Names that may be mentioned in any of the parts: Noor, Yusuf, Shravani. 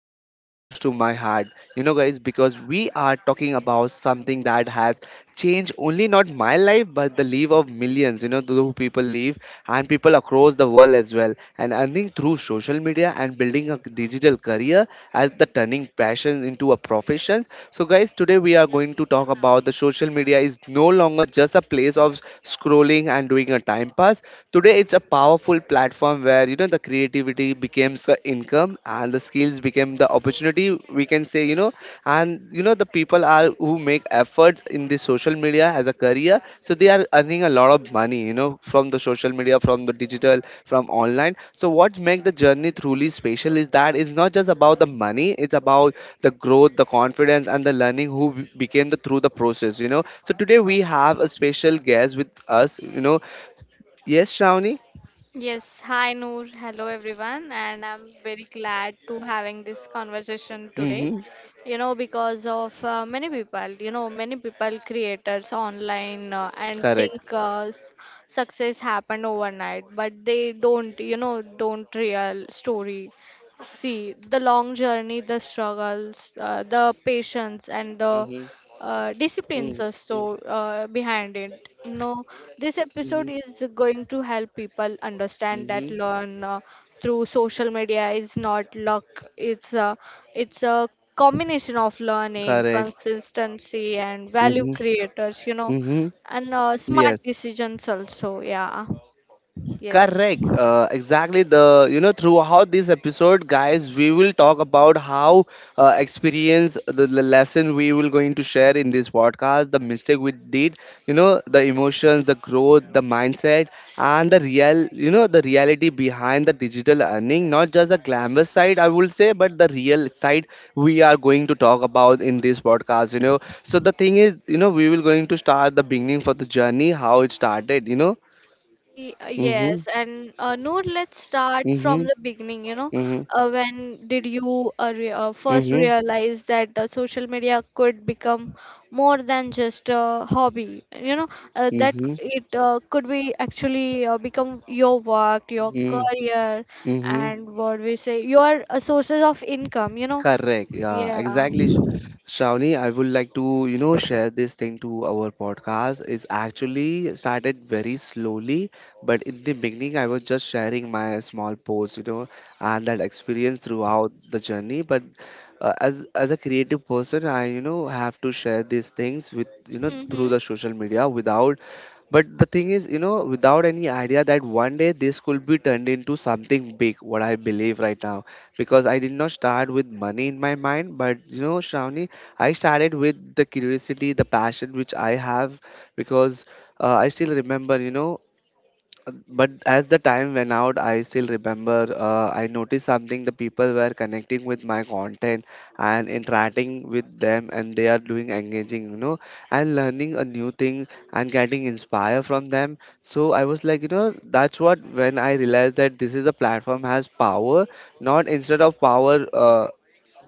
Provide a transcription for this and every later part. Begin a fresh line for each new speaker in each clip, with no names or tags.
is very close to my heart. You know, guys, because we are talking about something that has changed only not my life but the life of millions, those who people live and people across the world as well, and earning through social media area and building a digital career as the turning passion into a profession. So, guys, today we are going to talk about the social media is no longer just a place of scrolling and doing a time pass. Today, it's a powerful platform where the creativity becomes a income and the skills become the opportunity. We can say. And the people are who make efforts in the social media as a career, so they are earning a lot of money from the social media, from the digital, from online. So what makes the journey truly special is that it's not just about the money, it's about the growth, the confidence, and the learning who became the through the process. So today we have a special guest with us. Yes, Shravani.
Yes, hi Noor. Hello everyone, and I'm very glad to having this conversation today.
Mm-hmm.
You know, because of many people, you know, many people creators online and think
Correct.
success happened overnight, but they don't, you know, don't real story. See the long journey, the struggles, the patience, and the
Mm-hmm.
disciplines are so behind it. No, this episode
Mm-hmm.
is going to help people understand that
Mm-hmm.
learn through social media is not luck. It's a it's a combination of learning,
Correct.
consistency, and value
Mm-hmm.
creators. You know,
Mm-hmm.
and smart
Yes.
decisions also. Yeah. Yes.
Correct. Exactly. The throughout this episode, guys, we will talk about how experience the lesson we will going to share in this podcast, the mistake we did, the emotions, the growth, the mindset, and the real the reality behind the digital earning. Not just the glamorous side, I will say, but the real side we are going to talk about in this podcast. So the thing is, we will going to start the beginning for the journey, how it started.
Y- uh,
Mm-hmm.
Yes, and Noor, let's start
Mm-hmm.
from the beginning. You know,
Mhm.
when did you re first
Mhm.
realize that social media could become more than just a hobby? You know, that
Mhm.
it could be actually become your work, your
Mm.
career,
Mhm.
and what we say, your sources of income. You know,
Correct. Yeah,
yeah.
exactly. Shravani, I would like to, share this thing to our podcast. It's actually started very slowly, but in the beginning, I was just sharing my small post, and that experience throughout the journey. But as a creative person, I, have to share these things with, through
Mm-hmm.
the social media without. But the thing is, without any idea that one day this could be turned into something big, what I believe right now. Because I did not start with money in my mind, but Shravani, I started with the curiosity, the passion which I have. Because I still remember, but as the time went out, I still remember I noticed something the people were connecting with my content and interacting with them, and they are doing engaging, and learning a new thing and getting inspired from them. So I was like, that's what when I realized that this is a platform has power, not instead of power.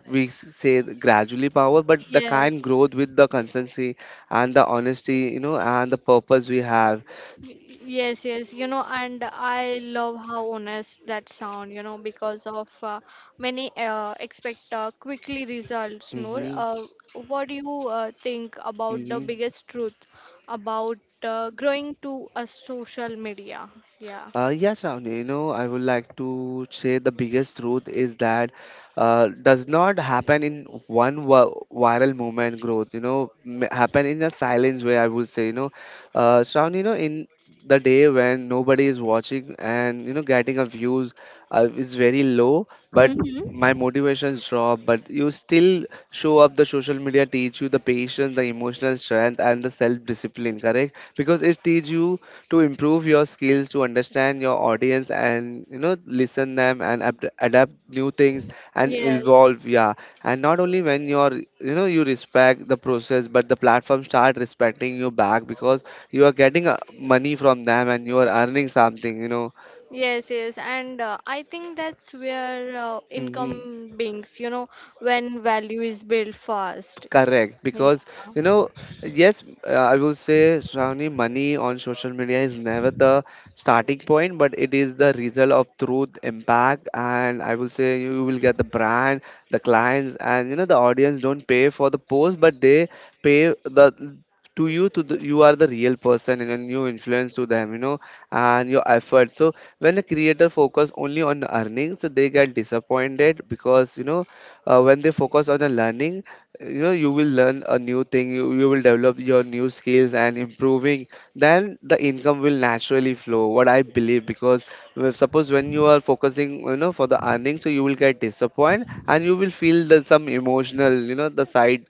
We say the gradually power but the
Yes.
kind growth with the consistency and the honesty and the purpose we have.
Y- Yes, yes, you know, and I love how honest that sound, you know, because of many expect quickly results, Noor.
Hmm.
What do you think about the
Hmm.
biggest truth about growing to a social media? Yeah.
Yes, Avni, I would like to say the biggest truth is that does not happen in one viral movement growth, happen in a silence way, I would say, Shravani, in the day when nobody is watching and, getting a views is very low, but my
Mm-hmm.
motivations drop, but you still show up the social media, teach you the patience, the emotional strength and the self-discipline, correct? Because it teach you to improve your skills to understand your audience and listen them and adapt new things and
Yes,
evolve. Yeah. And not only when you're you respect the process, but the platform start respecting you back because you are getting money from them and you are earning something.
yes, and I think that's where
Hmm.
income beings, you know, when value is built fast.
Correct,
Yeah.
because you know, yes, I will say, Shravani, money on social media is never the starting point, but it is the result of truth, impact, and I will say you will get the brand, the clients, and the audience don't pay for the post, but they pay the to you to the, you are the real person and then you influence to them and your effort. So when the creator focus only on earnings so they get disappointed because when they focus on the learning you will learn a new thing, you will develop your new skills and improving, then the income will naturally flow what I believe. Because if, suppose when you are focusing for the earning, so you will get disappointed and you will feel the some emotional the side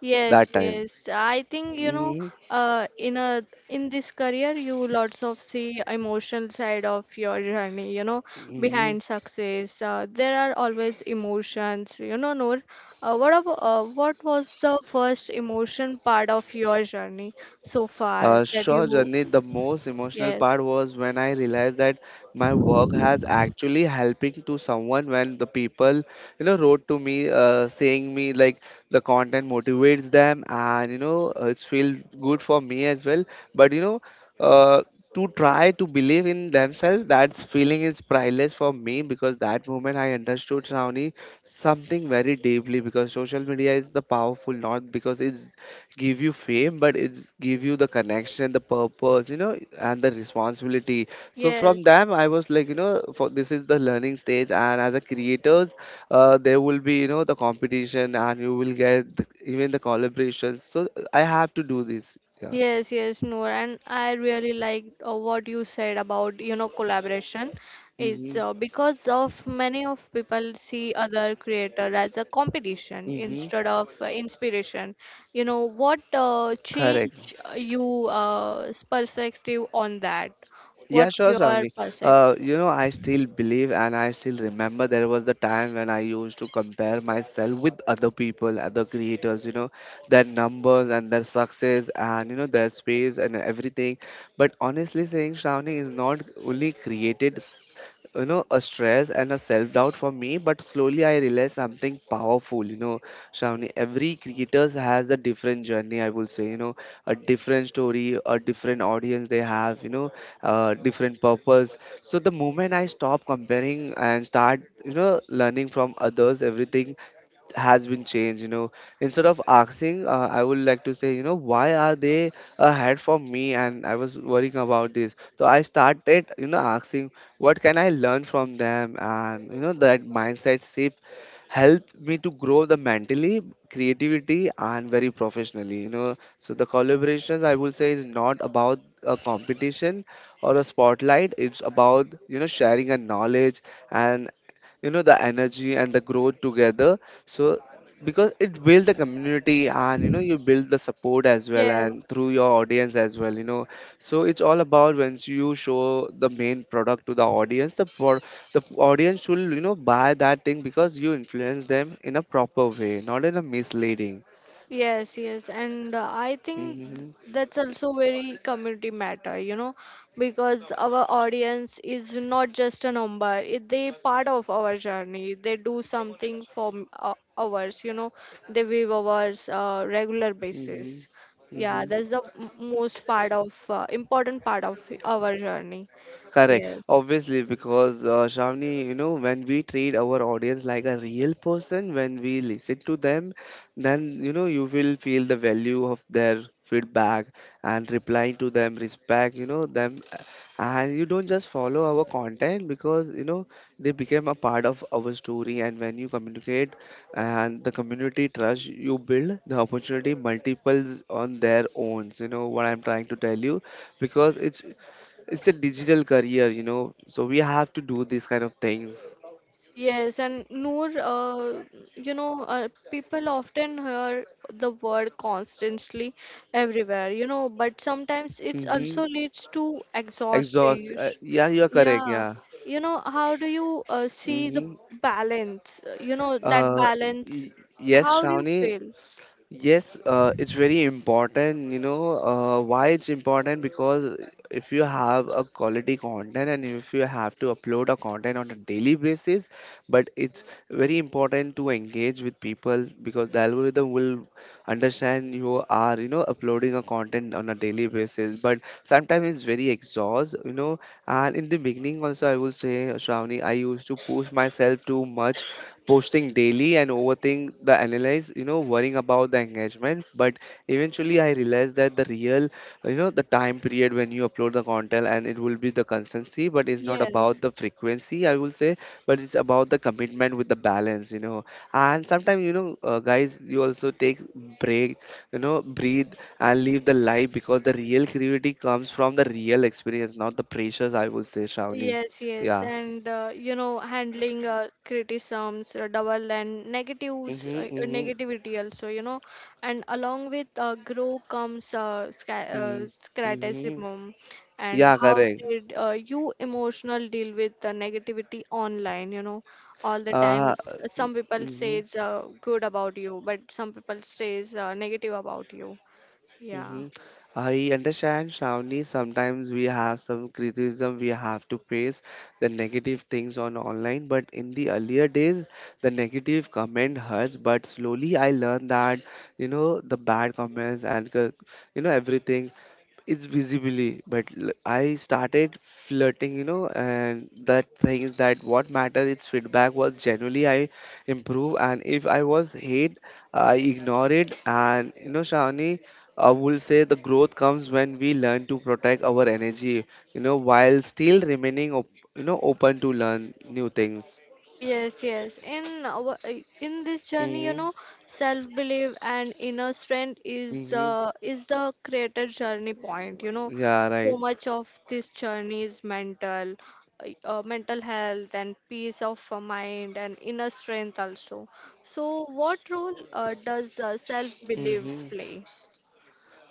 Yes,
that time.
yes. I think you know,
Hmm.
uh, in a in this career, you lots of see emotional side of your journey. You know,
Hmm.
behind success, there are always emotions. You know, Noor, what was the first emotion part of your journey so far that
Sure,
you?
Journey. The most emotional
Yes,
part was when I realized that my work has actually helping to someone. When the people, wrote to me, saying me like the content motivates them, and it's feel good for me as well. But uh, to try to believe in themselves, that feeling is priceless for me because that moment I understood Shravani something very deeply, because social media is the powerful, not because it's give you fame but it's give you the connection, the purpose and the responsibility. So from
yes,
them I was like for this is the learning stage and as a creators there will be the competition and you will get even the collaborations, so I have to do this. Yeah.
Yes, yes, Noor, and I really like what you said about you know collaboration. It's
Mm-hmm.
because of many of people see other creator as a competition
Mm-hmm.
instead of inspiration. You know what
Correct.
change you perspective on that?
Yeah,
What's
sure,
your
Shamli.
perspective?
I still believe and I still remember there was the time when I used to compare myself with other people, other creators, their numbers and their success, and, their space and everything. But honestly saying, Shravani is not only created a stress and a self doubt for me, but slowly I realized something powerful. Shravani, every creators has a different journey I will say, a different story, a different audience they have, different purpose. So the moment I stop comparing and start learning from others everything has been changed. Instead of asking I would like to say why are they ahead for me and I was worrying about this, so I started asking what can I learn from them, and that mindset shift helped me to grow the mentally, creativity, and very professionally. So the collaborations I will say is not about a competition or a spotlight, it's about sharing a knowledge and the energy and the growth together. So because it build the community and you build the support as well and through
Yes.
your audience as well. So it's all about once you show the main product to the audience, the audience will buy that thing because you influence them in a proper way, not in a misleading.
Yes, yes, and
Mm-hmm.
that's also very community matter, you know, because our audience is not just a number; it, they part of our journey. They do something for ours, you know, they give ours regular
Mm-hmm.
basis. Yeah,
Mm-hmm.
that's the most part of important part of our journey.
Correct.
Yes.
Obviously, because Shravani, when we treat our audience like a real person, when we listen to them, then you will feel the value of their feedback and replying to them, respect, them, and you don't just follow our content because they became a part of our story. And when you communicate and the community trust you build, the opportunity multiples on their own. You know what I'm trying to tell you, because it's a digital career, so we have to do these kind of things.
Yes, and Noor, you know, people often hear the word constantly everywhere, you know, but sometimes it
Mm-hmm.
also leads to
Exhaust.
exhausting.
Yeah, you are correct.
Yeah,
Yeah.
you know, how do you see the
Mm-hmm.
balance? You know, that
Uh,
balance,
y- yes,
how do you
Shravani.
feel?
Yes, it's very important. You know why it's important, because if you have a quality content and if you have to upload a content on a daily basis, but it's very important to engage with people because the algorithm will understand you are uploading a content on a daily basis. But sometimes it's very exhaust. And in the beginning also I will say, Shravani, I used to push myself too much posting daily and overthink the analyze worrying about the engagement. But eventually I realized that the real the time period when you upload the content and it will be the consistency, but it's not about
Yes.
the frequency I will say, but it's about the commitment with the balance. And sometimes guys, you also take break, breathe and leave the life because the real creativity comes from the real experience, not the pressures I will say, Shravani.
Yes, yes,
Yeah.
and you know, handling criticisms, double and negatives,
Mm-hmm. Mm-hmm.
negativity also, you know, and along with grow comes
Mm-hmm.
criticism, and
Yeah,
how
correct.
did you emotional deal with the negativity online? You know, all the
Uh,
times, some people
mhm.
says good about you, but some people says negative about you. Yeah.
hmm I understand, Shravani. Sometimes we have some criticism we have to face the negative things on online, but in the earlier days, the negative comment hurts. But slowly, I learned that you know the bad comments and you know everything is visibly. But I started flirting, and that thing is that what matter is feedback was generally I improve, and if I was hate, I ignore it, and you know, Shravani. I will say the growth comes when we learn to protect our energy, while still remaining, you know, open to learn new things.
Yes, yes. In our, in this journey, you
hmm
know, self-belief and inner strength
hmm
is the creator journey point. You know,
Yeah,
so
right.
much of this journey is mental, mental health and peace of mind and inner strength also. So, what role does self-beliefs
Mm-hmm.
play?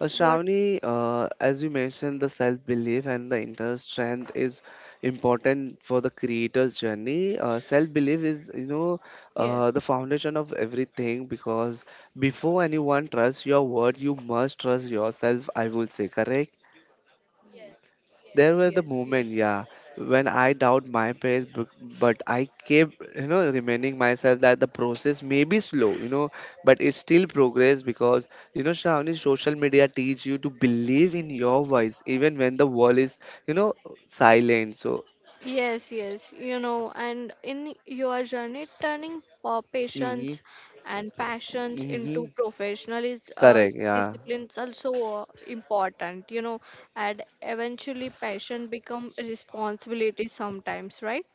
What?
Shravani, as you mentioned, the self-belief and the inner strength is important for the creator's journey. Self-belief is,
Yes,
the foundation of everything because before anyone trusts your word, you must trust yourself, I will say, correct? There
yes,
was the
yes,
moment,
yes.
yeah, when I doubt my pace, but I kept, reminding myself that the process may be slow, but it's still progress because, Shravani, social media teach you to believe in your voice even when the world is, you know, silent. So,
Yes, yes, you know, and in your journey, turning
mm-hmm,
patience and passions
mm-hmm,
into professional is
correct, yeah.
disciplines also important, you know, and eventually passion become responsibility sometimes, right?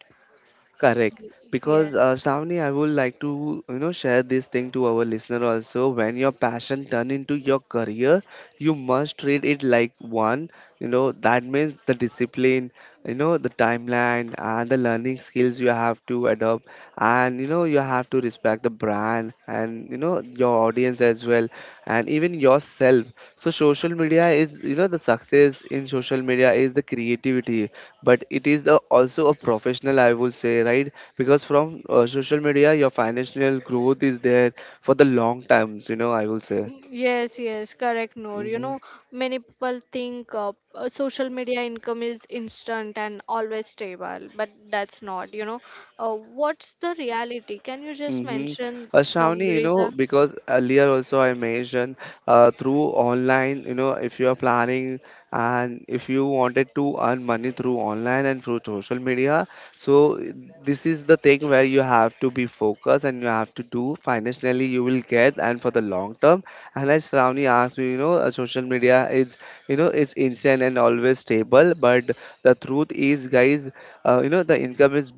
Correct.
Y- Yes.
Because Shravani, I would like to you know share this thing to our listener also. When your passion turn into your career, you must treat it like one. You know that means the discipline, you know the timeline and the learning skills you have to adopt, and you know you have to respect the brand and you know your audience as well, and even yourself. So social media is you know the success in social media is the creativity but it is a, also a professional I would say, right? Because from social media your financial growth is there for the long times, you know, I will say.
Yes, yes, correct, Noor. You
Mm-hmm.
know, many people think social media income is instant and always stable, but that's not, you know. What's the reality? Can you just
Mm-hmm.
mention some
Shravani, you know,
reason?
because earlier also I mentioned through online, you know, if you are planning and if you wanted to earn money through online and through social media, so this is the thing where you have to be focused and you have to do financially you will get and for the long term. And as Shravani asked me, you know, social media is, you know, it's instant and always stable, but the truth is, guys, you know, the income is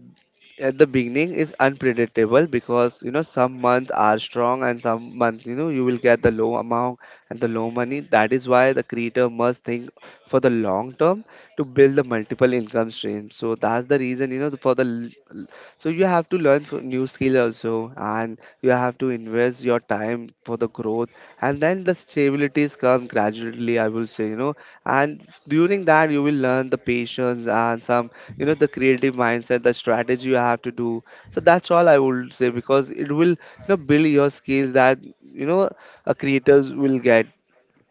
at the beginning is unpredictable because you know some months are strong and some months you know you will get the low amount and the low money, that is why the creator must think for the long term to build the multiple income streams. So that's the reason, you know, for the so you have to learn for new skill also, and you have to invest your time for the growth, and then the stabilities come gradually. I will say, you know, and during that you will learn the patience and some, you know, the creative mindset, the strategy you have to do. So that's all I would say because it will, you know, build your skills that you know a creators will get.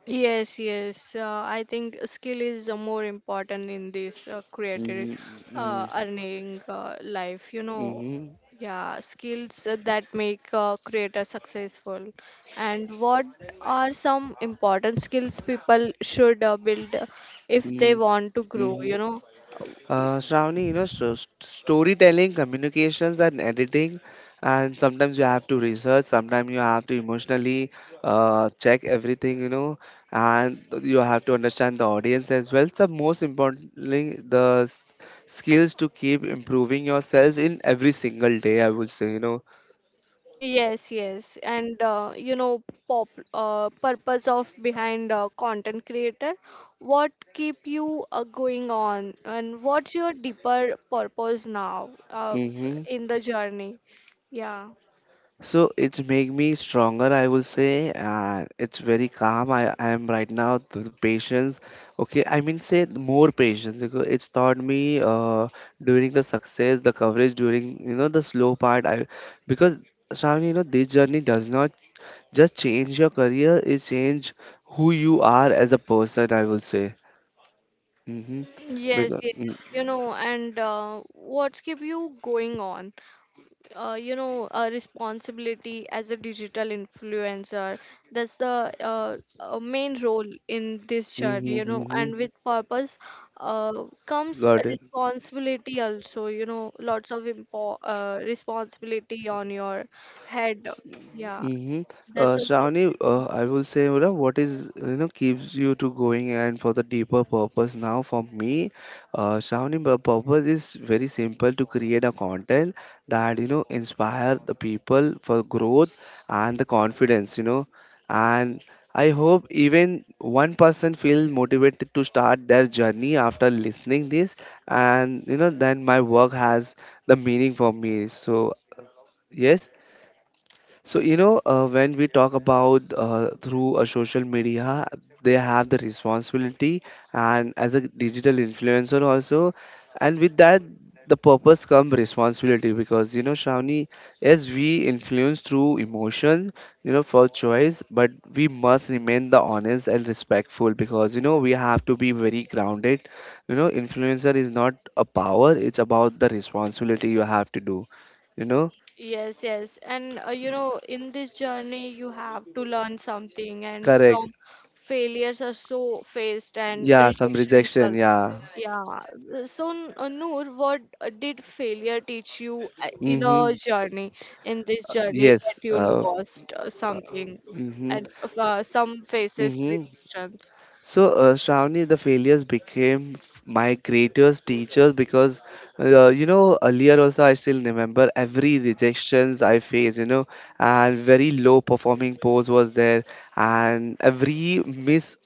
Yes, yes. I think skill is more important in this creative
Mm-hmm,
earning life. You know,
hmm
yeah, skills that make creator successful. And what are some important skills people should build if they
hmm
want to grow?
hmm
You know,
Shravani, you know, so storytelling, communications, and editing, and sometimes you have to research, sometimes you have to emotionally check everything, you know, and you have to understand the audience as well. So, most importantly, the skills to keep improving yourself in every single day, I would say, you know.
Yes, yes, and you know, pop purpose of behind content creator, what keep you going on, and what's your deeper purpose now
Mm-hmm.
in the journey? Yeah.
So it's make me stronger, I will say, and it's very calm. I am right now the patience. Okay, I mean say more patience because it's taught me during the success, the coverage during you know the slow part. I because Shravani, you know this journey does not just change your career; it change who you are as a person. I will say. Mm-hmm.
Yes,
Because
yes,
mm-hmm,
you know, and what's keep you going on? You know a responsibility as a digital influencer that's the main role in this journey you
mm-hmm.
know
mm-hmm.
and with purpose comes
Got it.
responsibility also you know lots of responsibility on your head yeah
Mm-hmm.
that's also
Shravani, I will say, you know, what is, you know, keeps you to going and for the deeper purpose now for me, Shravani, the purpose is very simple to create a content that, you know, inspire the people for growth and the confidence, you know, and I hope even one person feel motivated to start their journey after listening this and, you know, then my work has the meaning for me. So, yes, so, you know, when we talk about through a social media, they have the responsibility and as a digital influencer also, and with that, the purpose come responsibility because you know, Shravani, as we influence through emotion, you know, for choice, but we must remain the honest and respectful because you know we have to be very grounded. You know, influencer is not a power; it's about the responsibility you have to do. You know,
Yes, yes. And you know, in this journey, you have to learn something, and
correct.
from failures are so faced and
Yeah, some
rejections
rejection.
are.
Yeah.
Yeah. So, Noor, what did failure teach you in
Mm-hmm.
a journey, in this journey that
Yes.
you lost something
Mm-hmm.
and some faces
Mm-hmm.
rejections?
So, Shravani, the failures became my greatest teachers because, you know, earlier also I still remember every rejections I faced, you know, and very low performing pose was there, and every miss,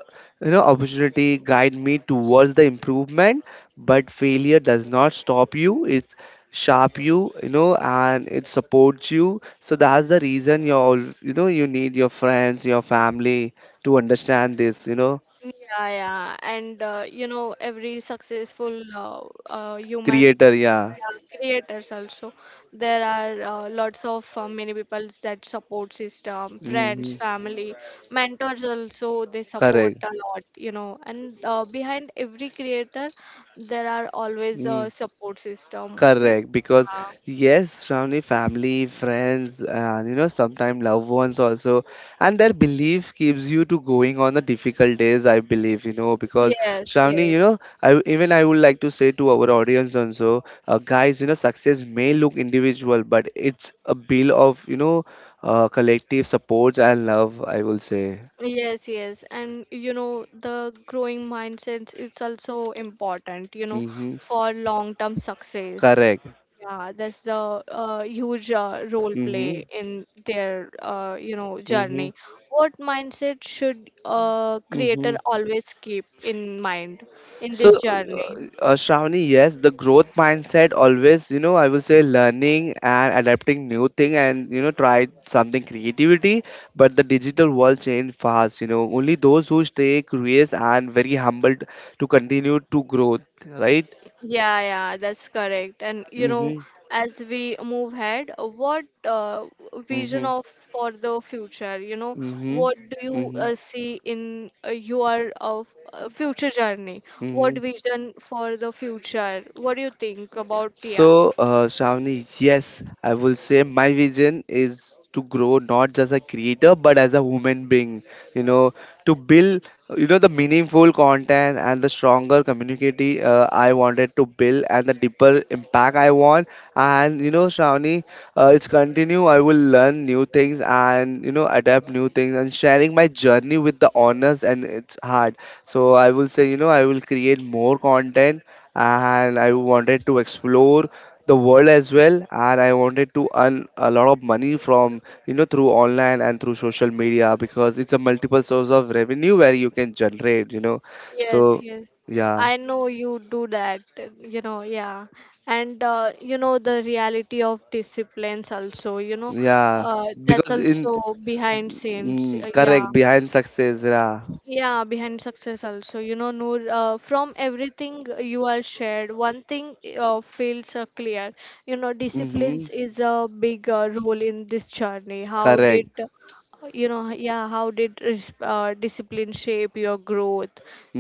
you know, opportunity guide me towards the improvement. But failure does not stop you; it's sharp you, you know, and it supports you. So that's the reason you're, all, you know, you need your friends, your family to understand this, you know.
Yeah, yeah, and you know, every successful human
Creator yeah
yeah, creators also, there are lots of many people that support system, friends,
hmm
family, mentors also, they support
correct
a lot, you know, and behind every creator, there are always
mm,
a support system. Who-
correct because
Yeah.
yes surrounding family friends and you know sometimes loved ones also and their belief keeps you to going on the difficult days I believe you know because
Yes,
surrounding you
yes.
know I even I would like to say to our audience also guys you know success may look individual but it's a bill of you know collective supports and love I will say
Yes, yes. And you know, the growing mindset it's also important, you know,
mm-hmm.
for long-term success.
correct
Yeah, that's the huge role
mm-hmm.
play in their you know
Mm-hmm.
journey. What mindset should a creator
Mm-hmm.
always keep in mind in
So,
this journey?
Shravani, yes, the growth mindset always, you know, I will say learning and adapting new thing and, you know, try something creativity. But the digital world change fast, you know, only those who stay curious and very humble to continue to growth, right?
Yeah, yeah, that's correct. And you know,
Mm-hmm.
as we move ahead, what vision
Mm-hmm.
of for the future? You know,
Mm-hmm.
what do you
Mm-hmm.
see in your of future journey?
Mm-hmm.
What vision for the future? What do you think about yeah?
So, Shravani, yes, I will say my vision is to grow not just a creator but as a human being. You know, to build you know the meaningful content and the stronger community I wanted to build and the deeper impact I want, and you know Shravani, it's continue I will learn new things and you know adapt new things and sharing my journey with the honors and it's hard. So I will say, you know, I will create more content and I wanted to explore the world as well and I wanted to earn a lot of money from you know through online and through social media because it's a multiple source of revenue where you can generate, you know,
Yes,
so
yes.
yeah
I know you do that, you know, yeah. And you know the reality of disciplines also, you know,
yeah
that's
because in
also behind scenes, yeah.
correct behind success yeah
Yeah, behind success also. You know, Noor, from everything you are shared, one thing feels clear. You know,
mm-hmm,
disciplines is a big role in this journey.
correct
You know, yeah, how did discipline shape your growth?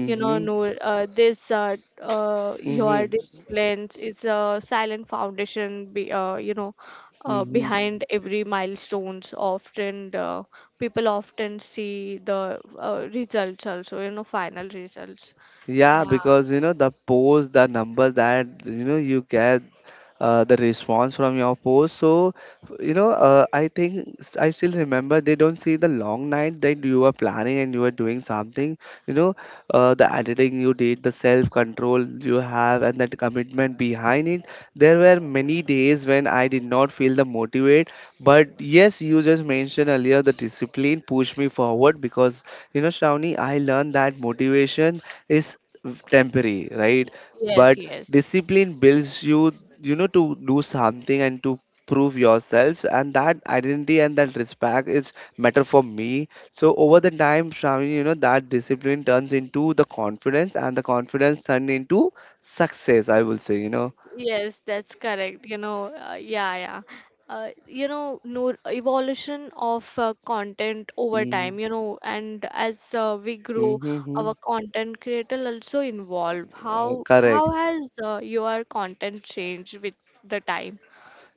You know, Noor, this
mm-hmm,
your disciplines is a silent foundation. You know,
mm-hmm.
behind every milestones often people often see the results also you know final results Yeah,
yeah because you know the post the numbers that you know you get the response from your post. So, you know, I think I still remember they don't see the long night that you were planning and you were doing something. You know, the editing you did, the self control you have, and that commitment behind it. There were many days when I did not feel the motivate, but yes, you just mentioned earlier the discipline pushed me forward because you know, Shravani, I learned that motivation is temporary, right?
right. yes
But
yes
discipline builds you you know to do something and to prove yourself, and that identity and that respect is matter for me, so over the time Shravani, you know that discipline turns into the confidence and the confidence turned into success, I will say, you know.
yes, that's correct you know you know no evolution of content over time you know and as we grow
Mm-hmm.
our content creator also involve
correct
how has your content changed with the time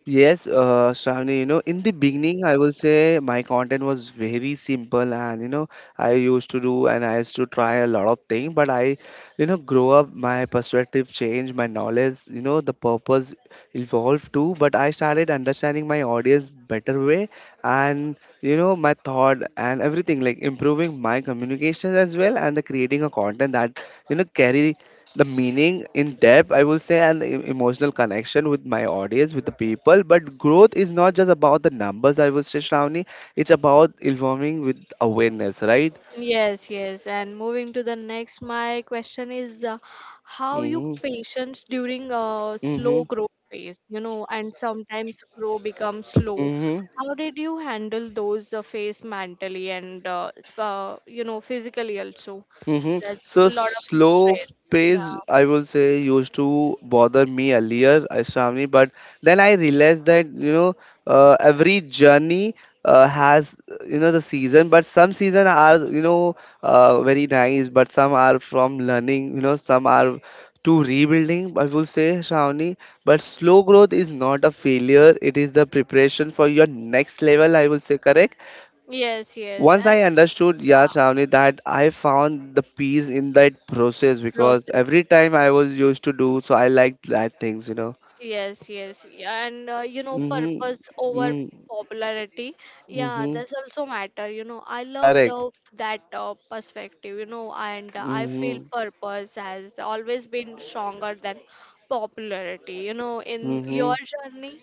Yes, Shravani, you know, in the beginning, I will say my content was very simple, and you know, I used to do and I used to try a lot of things, but I, you know, grow up, my perspective changed, my knowledge, you know, the purpose evolved too. But I started understanding my audience better way, and you know, my thought and everything, like improving my communications as well, and the creating a content that you know carry the meaning in depth, I will say, and emotional connection with my audience with the people, but growth is not just about the numbers, I will say Shravani, it's about informing with awareness, right?
Yes, yes. And moving to the next, my question is how you
Mm-hmm.
patience during a slow growth phase, you know, and sometimes grow becomes slow.
Mm-hmm.
How did you handle those phase mentally and you know physically also?
Mm-hmm.
There's a
So
lot of
slow
stress. Yeah.
pace, I will say, used to bother me earlier, Shravani, but then I realized that you know every journey has you know the season, but some season are you know very nice, but some are from learning, you know, some are to rebuilding. I will say, Shravani, but slow growth is not a failure; it is the preparation for your next level. I will say, correct.
Yes, yes.
Once
And
I understood,
yeah,
yeah, Shravani, that I found the peace in that process because
process.
every time I was used to do, so I liked that things, you know.
Yes, yes, yeah, and you know,
Mm-hmm.
purpose over
Mm-hmm.
popularity. Yeah,
Mm-hmm.
that's also matter. You know, I love
Correct.
the that perspective. You know, and I feel
Mm-hmm.
purpose has always been stronger than popularity. You know, in your
Mm-hmm.
journey,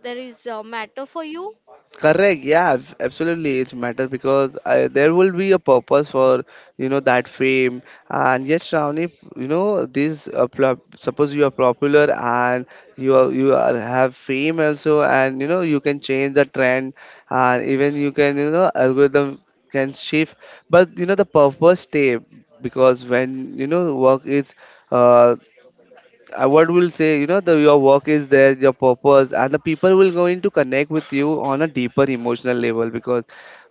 there is a matter for you.
Correct, yeah, absolutely. It matters because I, there will be a purpose for you know that fame. And yes, Shravani, you know this. Suppose you are popular and you are have fame also, and you know you can change the trend, and even you can you know algorithm can shift. But you know the purpose stay because when you know work is. Uh, what will say you know the your work is there your purpose and the people will going to connect with you on a deeper emotional level because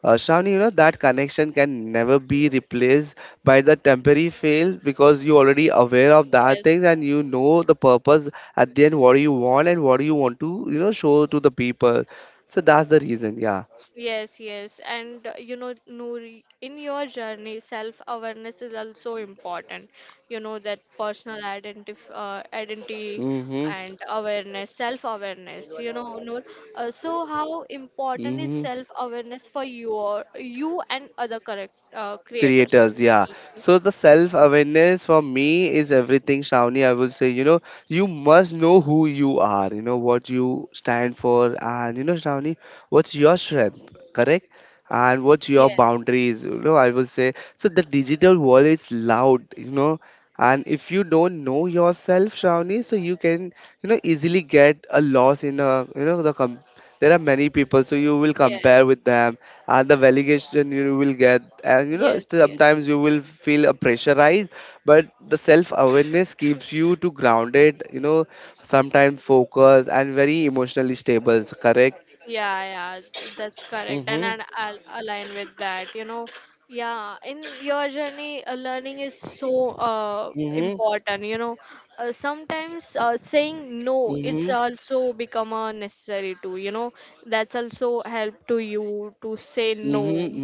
Shravani, you know that connection can never be replaced by the temporary fail because you already aware of that
Yes.
things and you know the purpose at the end what do you want and what do you want to you know show to the people so that's the reason, yeah.
Yes, yes. And you know, Noori, in your journey, self-awareness is also important. You know, that personal identif identity
Mm-hmm.
and awareness, self-awareness, you know, Noor. So how important is
Mm-hmm.
self-awareness for you you and other correct creators?
Creators, yeah. So the self awareness for me is everything, Shawnee, I will say. You know, you must know who you are, you know, what you stand for, and you know, Shawnee, what's your strength, correct, and what's your
Yes,
boundaries, you know, I will say. So the digital world is loud, you know, and if you don't know yourself, Shawnee, so you can you know easily get a loss in a there are many people so you will compare
yes,
with them and the validation you will get and you know
yes, yes.
sometimes you will feel a pressurized. But the self awareness keeps you to grounded, you know, sometimes focus and very emotionally stable, correct.
Yeah, yeah, that's correct. And,
Mhm.
and I'll align with that, you know. Yeah, in your journey, learning is so
Mhm.
important, you know. Sometimes saying no, it's
Mhm.
also become a necessary too, you know. That's also help to you to say no.
Mm-hmm,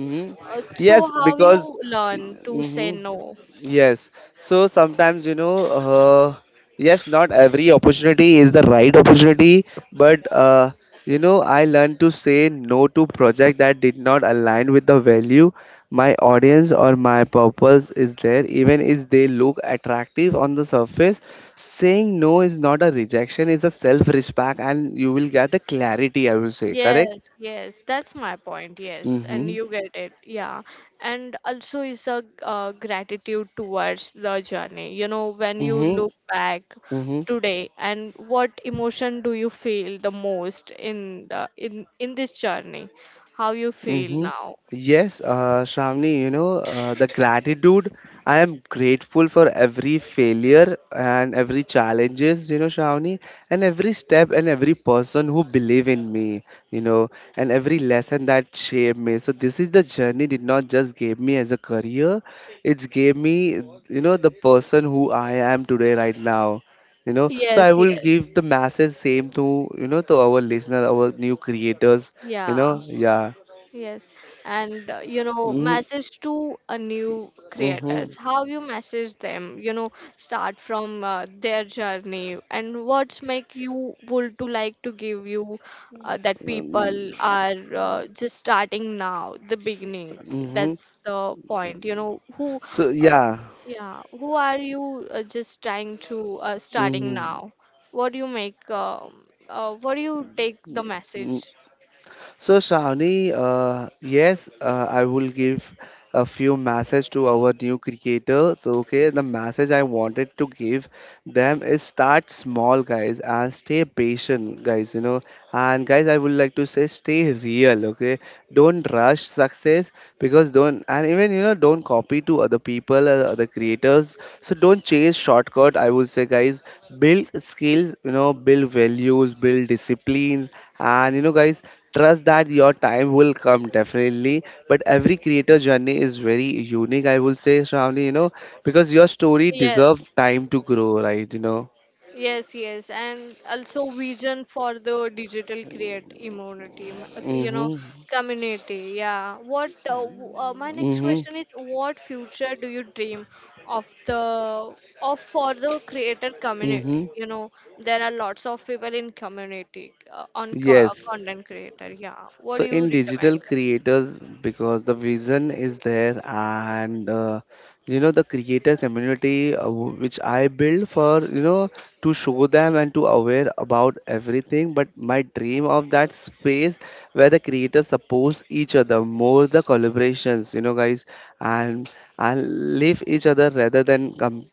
mm-hmm.
So
Yes,
how you
because
learn to say
mm-hmm.
no?
Yes. So sometimes, you know, yes, not every opportunity is the right opportunity, but you know, I learned to say no to project that did not align with the value my audience or my purpose is there, even if they look attractive on the surface. Saying no is not a rejection, it's a self-respect, and you will get the clarity, I will say, correct?
Yes, yes, that's my point. Yes, and
Mm-hmm.
you get it. Yeah, and also is a gratitude towards the journey. You know, when you
Mm-hmm.
look back
Mhm.
today, and what emotion do you feel the most in the in this journey? How you feel
Mm-hmm.
now?
Yes, Shravani, you know, the gratitude. I am grateful for every failure and every challenges, you know, Shravani, and every step and every person who believe in me, you know, and every lesson that shaped me. So this is the journey did not just gave me as a career, it's gave me, you know, the person who I am today right now. You know, so I
Yes,
will
yes,
give the message same to, you know, to our listener, our new creators, you
yeah.
know, yeah.
Yes, and you know,
Mm-hmm.
message to a new
Mm-hmm.
creators, how you message them, you know, start from their journey and what's make you would to like to give you that people are just starting now, the beginning.
Mm-hmm.
That's the point, you know,
So
uh,
yeah.
yeah, who are you just trying to starting
Mm-hmm.
now? What do you make, what do you take the
Mm-hmm.
message?
So Shravani, yes, I will give a few message to our new creators. Okay, the message I wanted to give them is start small, guys, and stay patient, guys. You know, and guys, I would like to say stay real. Okay, don't rush success because don't and even you know don't copy to other people, other creators. So don't chase shortcut. I would say, guys, build skills. You know, build values, build discipline, and you know, guys, trust that your time will come definitely, but every creator journey is very unique, I will say, Shravani, you know, because your story
Yes,
deserves time to grow, right? You know.
Yes, yes, and also vision for the digital create immunity, you know,
Mm-hmm.
community. Yeah. My next
Mm-hmm.
question is, what future do you dream of the of for the creator community?
Mm-hmm.
You know, there are lots of people in community on
Yes.
content creator. Yeah. What
So
do you
in digital
recommend?
creators, because the vision is there, and you know the creator community which I build for you know to show them and to aware about everything. But my dream of that space where the creators support each other more, the collaborations, you know, guys, and and live each other rather than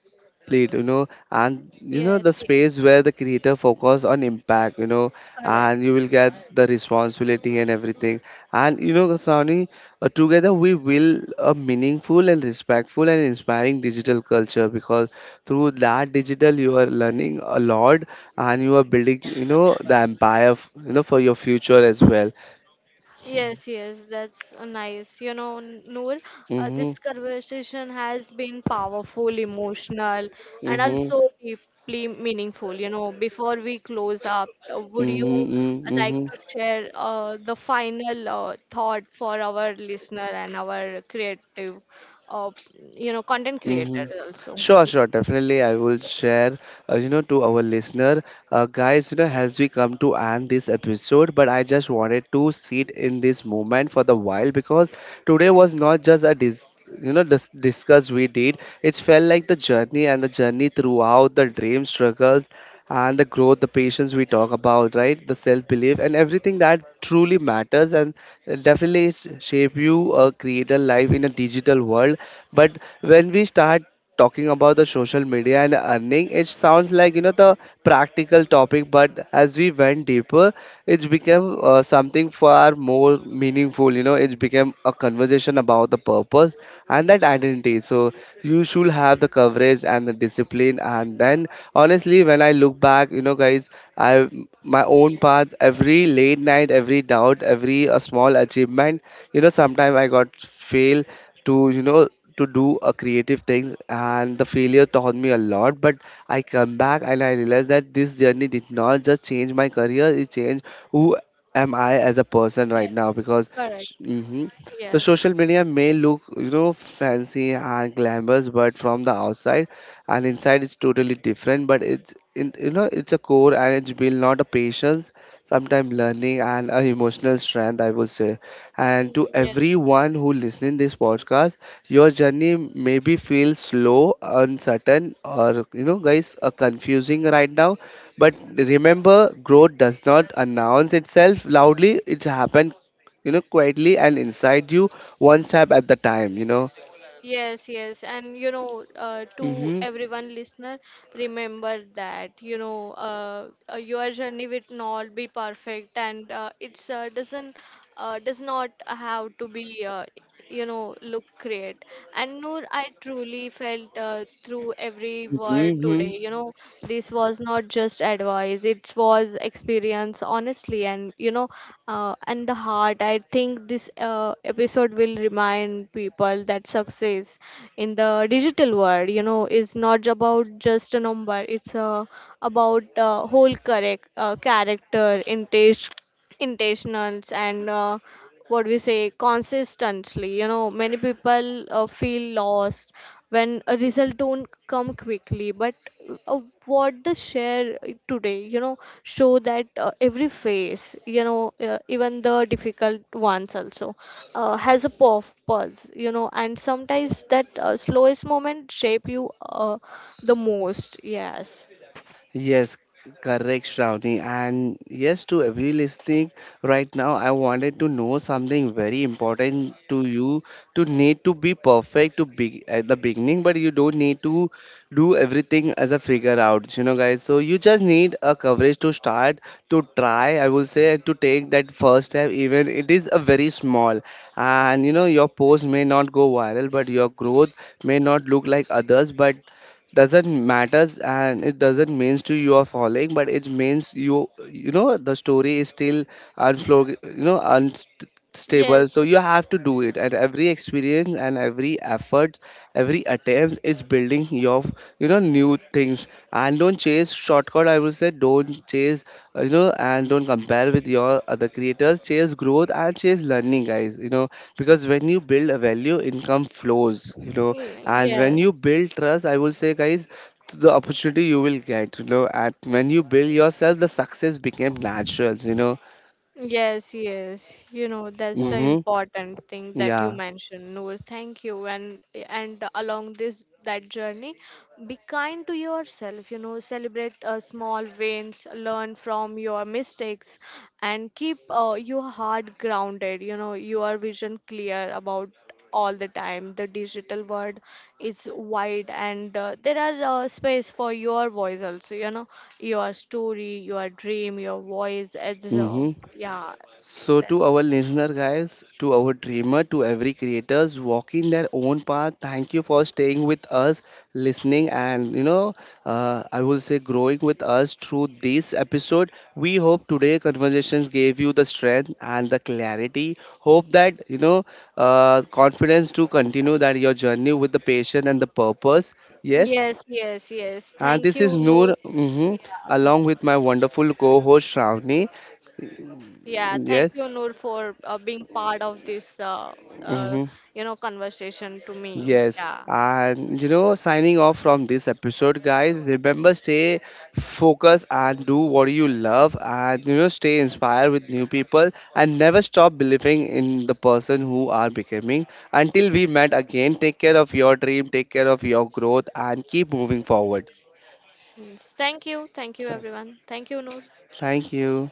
complete you know and you know
Yes,
the space
yes,
where the creator focus on impact, you know,
correct.
and you will get the responsibility and everything. And you know, Kasani, together we will a meaningful and respectful and inspiring digital culture because through that digital you are learning a lot and you are building, you know, the empire, you know, for your future as well.
Yes, yes, that's nice. You know, Noor,
Mm-hmm,
this conversation has been powerful, emotional, and
mm-hmm,
also deeply meaningful. You know, before we close up, would you
mm-hmm,
like
mm-hmm.
to share the final thought for our listener and our creative, uh, you know, content creator
Mm-hmm.
also?
Sure, sure, definitely. I will share, you know, to our listener, guys. You know, as we come to end this episode, but I just wanted to sit in this moment for the while because today was not just a discuss we did. It felt like the journey and the journey throughout the dream struggles and the growth, the patience we talk about, right? The self belief and everything that truly matters and definitely shape you create a life in a digital world. But when we start talking about the social media and earning, it sounds like you know the practical topic. But as we went deeper, it's become something far more meaningful. You know, it's become a conversation about the purpose and that identity. So you should have the coverage and the discipline. And then honestly, when I look back, you know, guys, I my own path, every late night, every doubt, every a small achievement, you know, sometimes I got fail to you know to do a creative thing and the failure taught me a lot but I come back and I realized that this journey did not just change my career, it changed who am I as a person right
Yes,
now because
correct.
mm-hmm. The
Yes,
social media may look, you know, fancy and glamorous, but from the outside and inside it's totally different. But it's, in, you know, it's a core and it's built not a patience, sometimes learning and a emotional strength, I would say. And to
yes,
everyone who listening this podcast, your journey maybe feels slow, uncertain, or you know, guys, confusing right now. But remember, growth does not announce itself loudly. It's happened you know, quietly and inside you, one step at the time, you know.
Yes, yes, and you know, to
Mm-hmm.
everyone listener, remember that you know, your journey will not be perfect, and it's doesn't does not have to be you know look great. And Noor, I truly felt through every word
Mm-hmm.
today. You know, this was not just advice; guys it was experience honestly and you know and the heart I think this episode will remind people that success in the digital world you know is not about just a number it's about whole correct character in taste intentionals and what we say consistently you know many people feel lost when a result don't come quickly but uh, what the share today you know show that every phase you know even the difficult ones also has a purpose you know and sometimes that slowest moment shape you the most yes
Yes, correct, Shravani. And yes, to every listening right now, I wanted to know something very important to you. To need to be perfect to be at the beginning, but you don't need to do everything as a figure out, you know, guys. So you just need a coverage to start to try. I will say to take that first step, even it is a very small. And you know, your post may not go viral, but your growth may not look like others, but doesn't matters and it doesn't means to you are falling but it means you you know the story is still unflow you know unstable so
yes
you have to do it and every experience and every effort every attempt is building your you know new things. And don't chase shortcut, I will say, don't chase you know, and don't compare with your other creators, chase growth and chase learning, guys, you know, because when you build a value income flows, you know, and when
yes
you build trust, I will say, guys, the opportunity you will get, you know, and when you build yourself, the success became natural, you know.
Yes, yes. You know, that's the
Mm-hmm.
important thing that you
Yeah.
mentioned, Noor. Thank you. And along this that journey, be kind to yourself, you know, celebrate small wins, learn from your mistakes, and keep your heart grounded, you know, your vision clear about all the time. The digital world is wide, and there are space for your voice also. You know, your story, your dream, your voice. It's,
Mm-hmm.
yeah,
So to
that's
our listener guys, to our dreamer, to every creators walking their own path, thank you for staying with us, listening, and you know, I will say growing with us through this episode. We hope today conversations gave you the strength and the clarity. Hope that you know, confidence to continue that your journey with the passion and the purpose. Yes.
yes, yes, yes.
And
Thank
this is
you, Noor.
Noor,
Yeah,
mhm,
th-
along with my wonderful co-host Shravani.
yeah, thank
Yes.
you, Noor, for being part of this, uh,
Mhm.
you know, conversation to me.
Yes,
Yeah.
and you know, signing off from this episode, guys. Remember, stay focused and do what you love, and you know, stay inspired with new people, and never stop believing in the person who are becoming. Until we met again, take care of your dream, take care of your growth, and keep moving forward.
Mm, Thank you. Thank you,
Th-
everyone. Thank you, Noor.
Thank you.